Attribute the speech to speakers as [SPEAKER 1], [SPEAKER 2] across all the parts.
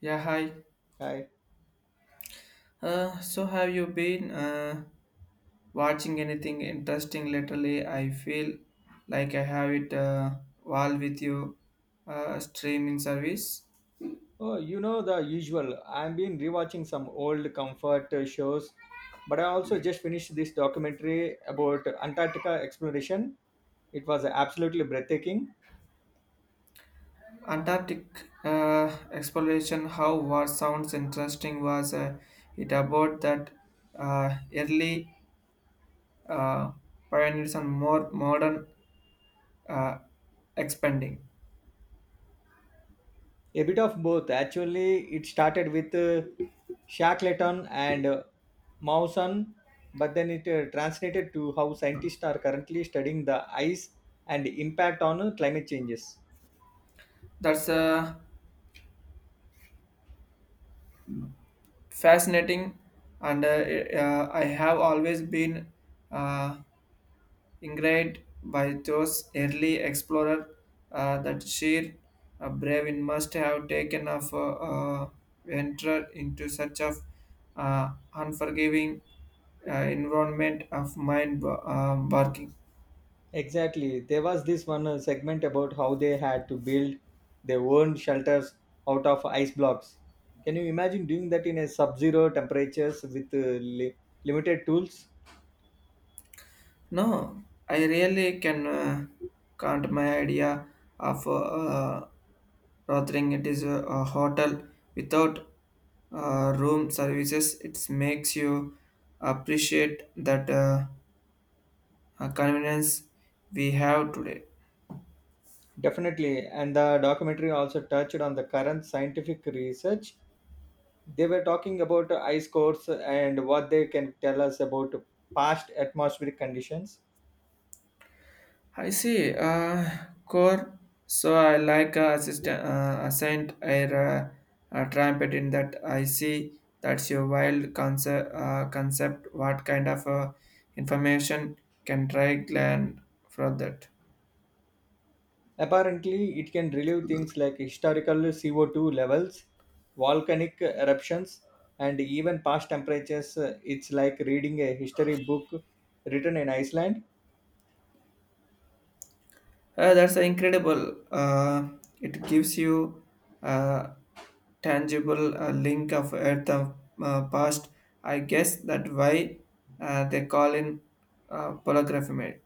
[SPEAKER 1] Yeah, hi.
[SPEAKER 2] Hi.
[SPEAKER 1] So have you been watching anything interesting lately? I feel like I have it all with you. Streaming service.
[SPEAKER 2] Oh, you know the usual. I've been rewatching some old comfort shows, but I also just finished this documentary about Antarctica exploration. It was absolutely breathtaking.
[SPEAKER 1] Antarctic exploration. How what sounds interesting was it about that early uh, pioneers and more modern uh, expanding.
[SPEAKER 2] A bit of both, actually. It started with Shackleton and Mawson, but then it translated to how scientists are currently studying the ice and impact on climate changes.
[SPEAKER 1] That's fascinating, and I have always been. Uh, Ingrid by those early explorer that sheer bravery must have taken of venture into such of unforgiving environment of mind barking.
[SPEAKER 2] Exactly. There was this one segment about how they had to build their own shelters out of ice blocks. Can you imagine doing that in a sub-zero temperatures with limited tools?
[SPEAKER 1] No, I really can count my idea of Rothering. It is a hotel without room services. It makes you appreciate that. Convenience we have today.
[SPEAKER 2] Definitely. And the documentary also touched on the current scientific research. They were talking about ice cores and what they can tell us about past atmospheric conditions.
[SPEAKER 1] I see. Core. So I like assistant ascent air trumpet in that. I see that's your wild concept. Concept. What kind of information can try gland for that?
[SPEAKER 2] Apparently, it can relieve things like historical CO2 levels, volcanic eruptions, and even past temperatures. It's like reading a history book written in Iceland.
[SPEAKER 1] That's incredible. It gives you a tangible link of Earth of past. I guess that why they call in polygrammy.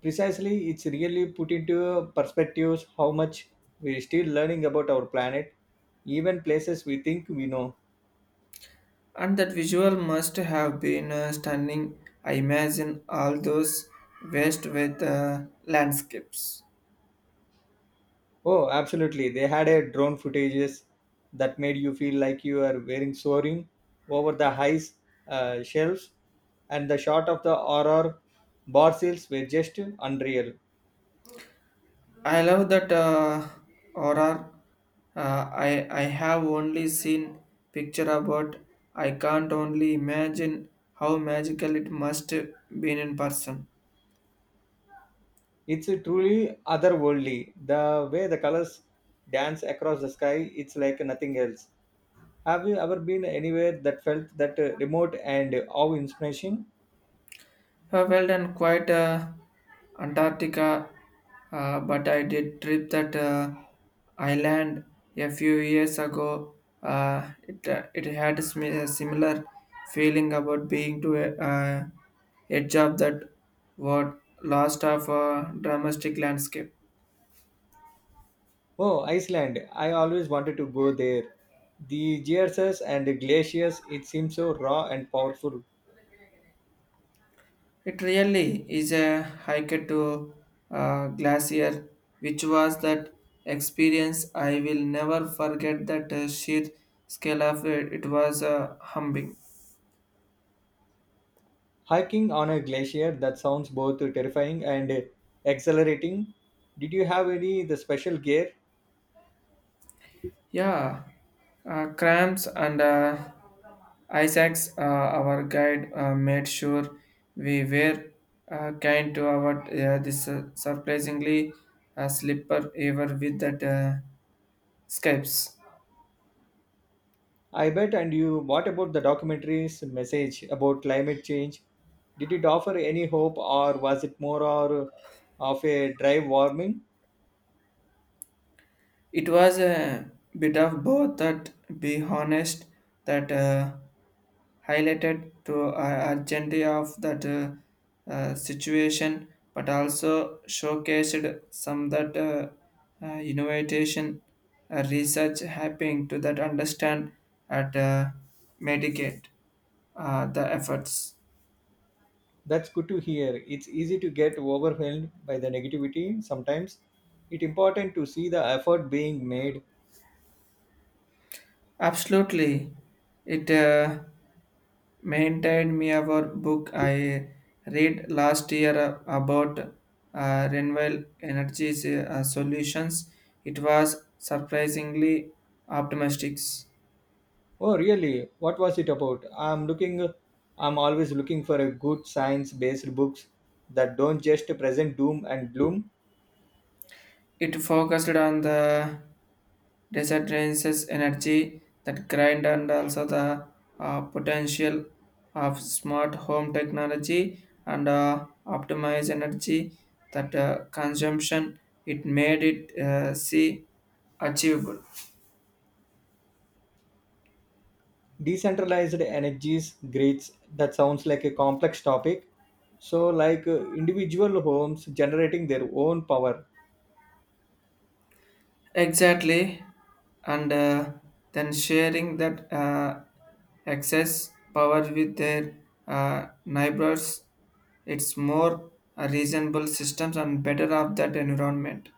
[SPEAKER 2] Precisely, it's really put into perspectives how much we're still learning about our planet, even places we think we know.
[SPEAKER 1] And that visual must have been stunning. I imagine all those waste with landscapes.
[SPEAKER 2] Oh, absolutely. They had a drone footages that made you feel like you are wearing soaring over the highs shelves, and the shot of the aurora bar seals were just unreal.
[SPEAKER 1] I love that horror. I have only seen picture about. I can't only imagine how magical it must been in person.
[SPEAKER 2] It's truly otherworldly. The way the colors dance across the sky, it's like nothing else. Have you ever been anywhere that felt that remote and awe inspiration?
[SPEAKER 1] Well done, quite Antarctica, but I did trip that island a few years ago. It had a a similar feeling about being to a edge of that what lost of a dramatic landscape.
[SPEAKER 2] Oh, Iceland. I always wanted to go there. The geysers and the glaciers, it seems so raw and powerful.
[SPEAKER 1] It really is a hike to Glacier, which was that experience I will never forget that sheer scale of it. It was humbling.
[SPEAKER 2] Hiking on a glacier, that sounds both terrifying and exhilarating. Did you have any the special gear?
[SPEAKER 1] Yeah, cramps and Isaac's, our guide, made sure we were kind to our this surprisingly slipper ever with that scapes.
[SPEAKER 2] I bet and you what about the documentary's message about climate change? Did it offer any hope or was it more or of a drive warming?
[SPEAKER 1] It was a bit of both that be honest that highlighted to urgency of that situation but also showcased some that innovation research happening to that understand at medicate the efforts.
[SPEAKER 2] That's good to hear. It's easy to get overwhelmed by the negativity sometimes. It's important to see the effort being made.
[SPEAKER 1] Absolutely. It maintained me our book I read last year about renewable energies solutions. It was surprisingly optimistic.
[SPEAKER 2] Oh, really? What was it about? I'm always looking for a good science-based books that don't just present doom and gloom.
[SPEAKER 1] It focused on the disadvantages energy that grind and also the potential of smart home technology and optimize energy that consumption it made it see achievable.
[SPEAKER 2] Decentralized energies grids that sounds like a complex topic. So like individual homes generating their own power.
[SPEAKER 1] Exactly, and then sharing that excess power with their neighbors, it's more reasonable systems and better of that environment.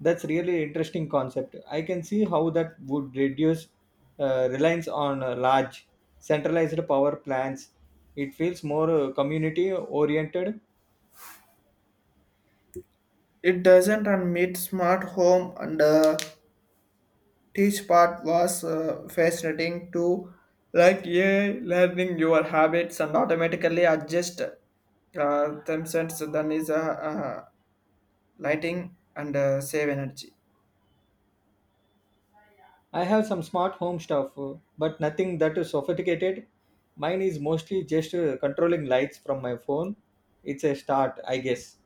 [SPEAKER 2] That's really interesting concept. I can see how that would reduce reliance on large centralized power plants. It feels more community oriented.
[SPEAKER 1] It doesn't and meet smart home and teach part was fascinating too. Like yeah, learning your habits and automatically adjust themselves. Then is lighting and save energy.
[SPEAKER 2] I have some smart home stuff, but nothing that is sophisticated. Mine is mostly just controlling lights from my phone. It's a start, I guess.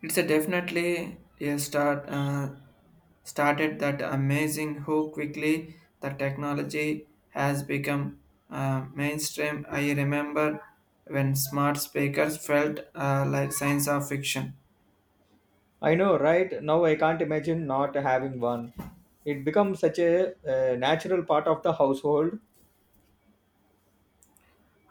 [SPEAKER 1] It's a definitely a start started that amazing how quickly the technology has become mainstream. I remember when smart speakers felt like science of fiction,
[SPEAKER 2] I know, right? Now I can't imagine not having one. It becomes such a natural part of the household.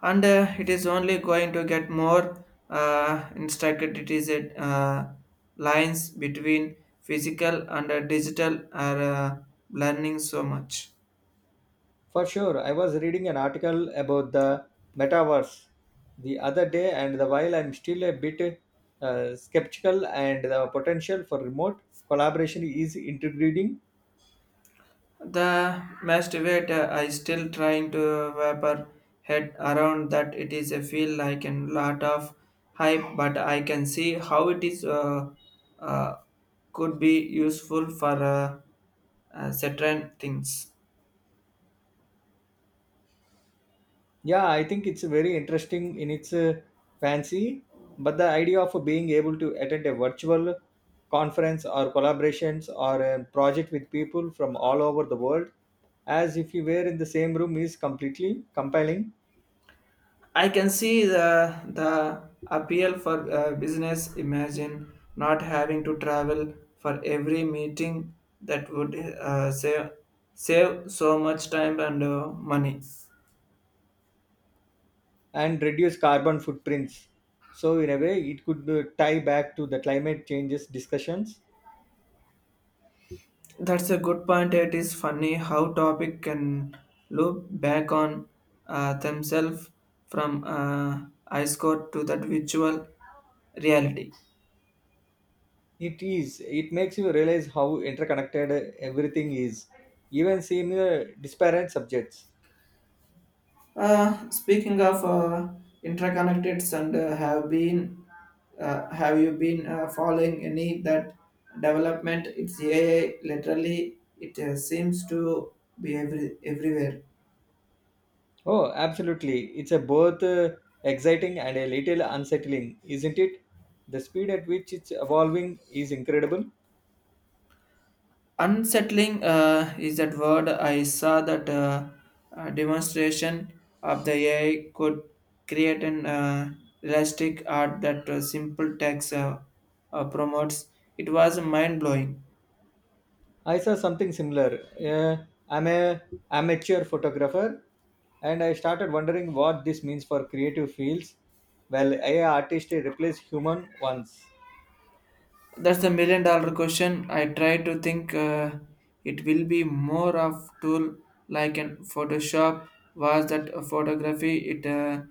[SPEAKER 1] and it is only going to get more instructed. It is a lines between physical and digital are learning so much.
[SPEAKER 2] For sure, I was reading an article about the metaverse the other day, and the while I'm still a bit skeptical, and the potential for remote collaboration is intriguing.
[SPEAKER 1] The masturbate I still trying to wrap her head around that it is a feel like a lot of hype, but I can see how it is uh, could be useful for certain things.
[SPEAKER 2] Yeah, I think it's very interesting in its fancy, but the idea of being able to attend a virtual conference or collaborations or a project with people from all over the world as if you were in the same room is completely compelling,
[SPEAKER 1] I can see the appeal for business. Imagine not having to travel for every meeting that would save so much time and money.
[SPEAKER 2] and reduce carbon footprints. So in a way, it could tie back to the climate changes discussions.
[SPEAKER 1] That's a good point. It is funny how topic can loop back on themselves from ice court to that virtual reality.
[SPEAKER 2] It is. It makes you realize how interconnected everything is, even similar disparate subjects.
[SPEAKER 1] Speaking of interconnected and have you been following any that development? It's AI literally it seems to be everywhere.
[SPEAKER 2] Oh, absolutely. It's a both exciting and a little unsettling, isn't it? The speed at which it's evolving is incredible.
[SPEAKER 1] Unsettling is that word. I saw that demonstration of the AI could create an realistic art that simple text promotes. It was mind blowing.
[SPEAKER 2] I saw something similar. I'm a amateur photographer, and I started wondering what this means for creative fields. Well, AI artists replace human ones.
[SPEAKER 1] That's the million dollar question. I try to think it will be more of tool like in Photoshop was that a photography it uh,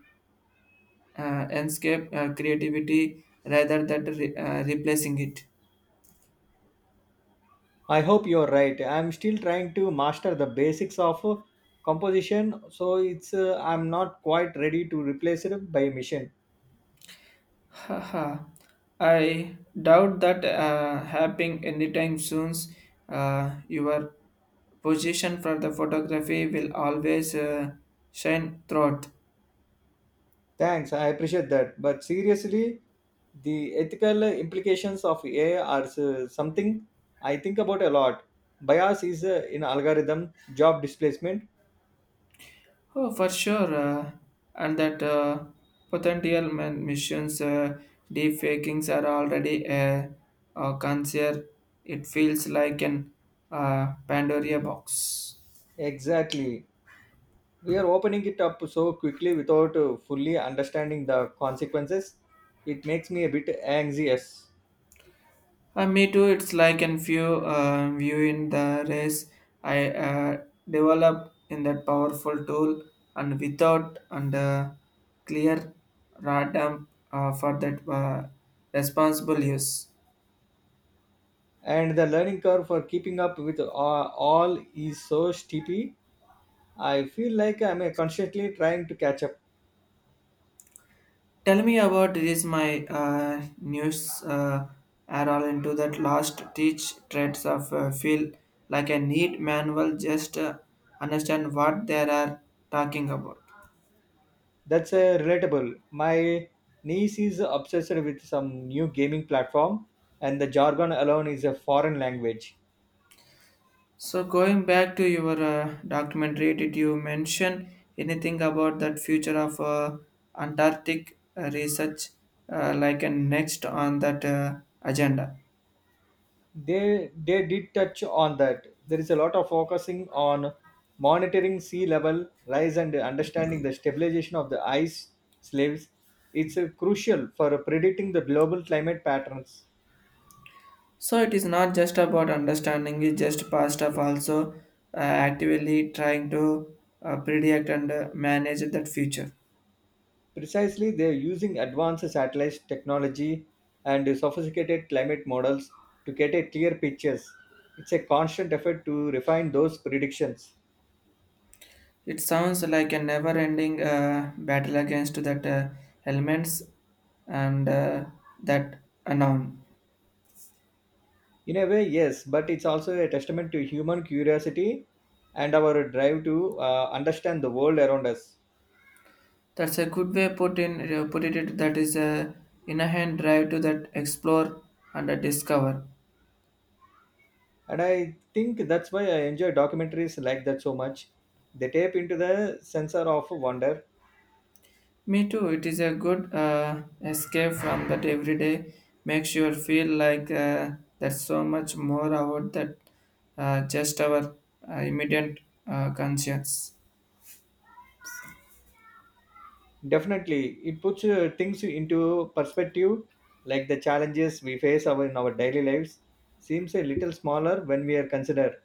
[SPEAKER 1] uh, landscape creativity rather than replacing it.
[SPEAKER 2] I hope you're right. I'm still trying to master the basics of composition, so it's I'm not quite ready to replace it by a machine.
[SPEAKER 1] Haha, I doubt that happening anytime soon. Your position for the photography will always shine throughout.
[SPEAKER 2] Thanks, I appreciate that. But seriously, the ethical implications of AI are something I think about a lot. Bias is in algorithm, job displacement.
[SPEAKER 1] Oh, for sure. And that potential missions, deep fakings are already a concern. It feels like an Pandora box.
[SPEAKER 2] Exactly. We are opening it up so quickly without fully understanding the consequences. It makes me a bit anxious.
[SPEAKER 1] Me too. It's like in few viewing the race I developed in that powerful tool and without and clear radam for that responsible use.
[SPEAKER 2] And the learning curve for keeping up with all is so steepy. I feel like I'm constantly trying to catch up.
[SPEAKER 1] Tell me about this my news are all into that last teach traits of feel like a neat manual just understand what they are talking about.
[SPEAKER 2] That's relatable. My niece is obsessed with some new gaming platform, and the jargon alone is a foreign language.
[SPEAKER 1] So going back to your documentary, did you mention anything about that future of Antarctic research, like a next on that agenda?
[SPEAKER 2] They did touch on that. There is a lot of focusing on monitoring sea level rise and understanding the stabilization of the ice slaves. It's crucial for predicting the global climate patterns.
[SPEAKER 1] So it is not just about understanding; it's just past of also uh, actively trying to predict and manage that future.
[SPEAKER 2] Precisely, they are using advanced satellite technology and sophisticated climate models to get a clear pictures. It's a constant effort to refine those predictions.
[SPEAKER 1] It sounds like a never-ending battle against that elements and that unknown.
[SPEAKER 2] In a way, yes, but it's also a testament to human curiosity and our drive to understand the world around us.
[SPEAKER 1] That's a good way put it. That is a inherent drive to that explore and discover.
[SPEAKER 2] And I think that's why I enjoy documentaries like that so much. They tap into the sensor of wonder.
[SPEAKER 1] Me too. It is a good escape from that everyday. Makes you feel like there's so much more about that just our immediate conscience.
[SPEAKER 2] Definitely, it puts things into perspective. Like the challenges we face our, in our daily lives seems a little smaller when we are considered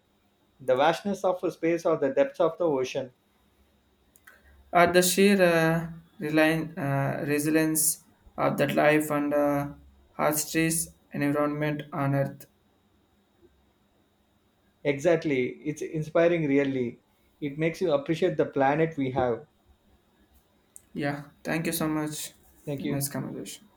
[SPEAKER 2] the vastness of a space or the depths of the ocean.
[SPEAKER 1] At the sheer resilience of that life and hardships environment on Earth.
[SPEAKER 2] Exactly, it's inspiring. Really, it makes you appreciate the planet we have.
[SPEAKER 1] Yeah. Thank you so much.
[SPEAKER 2] Thank you.
[SPEAKER 1] Nice conversation.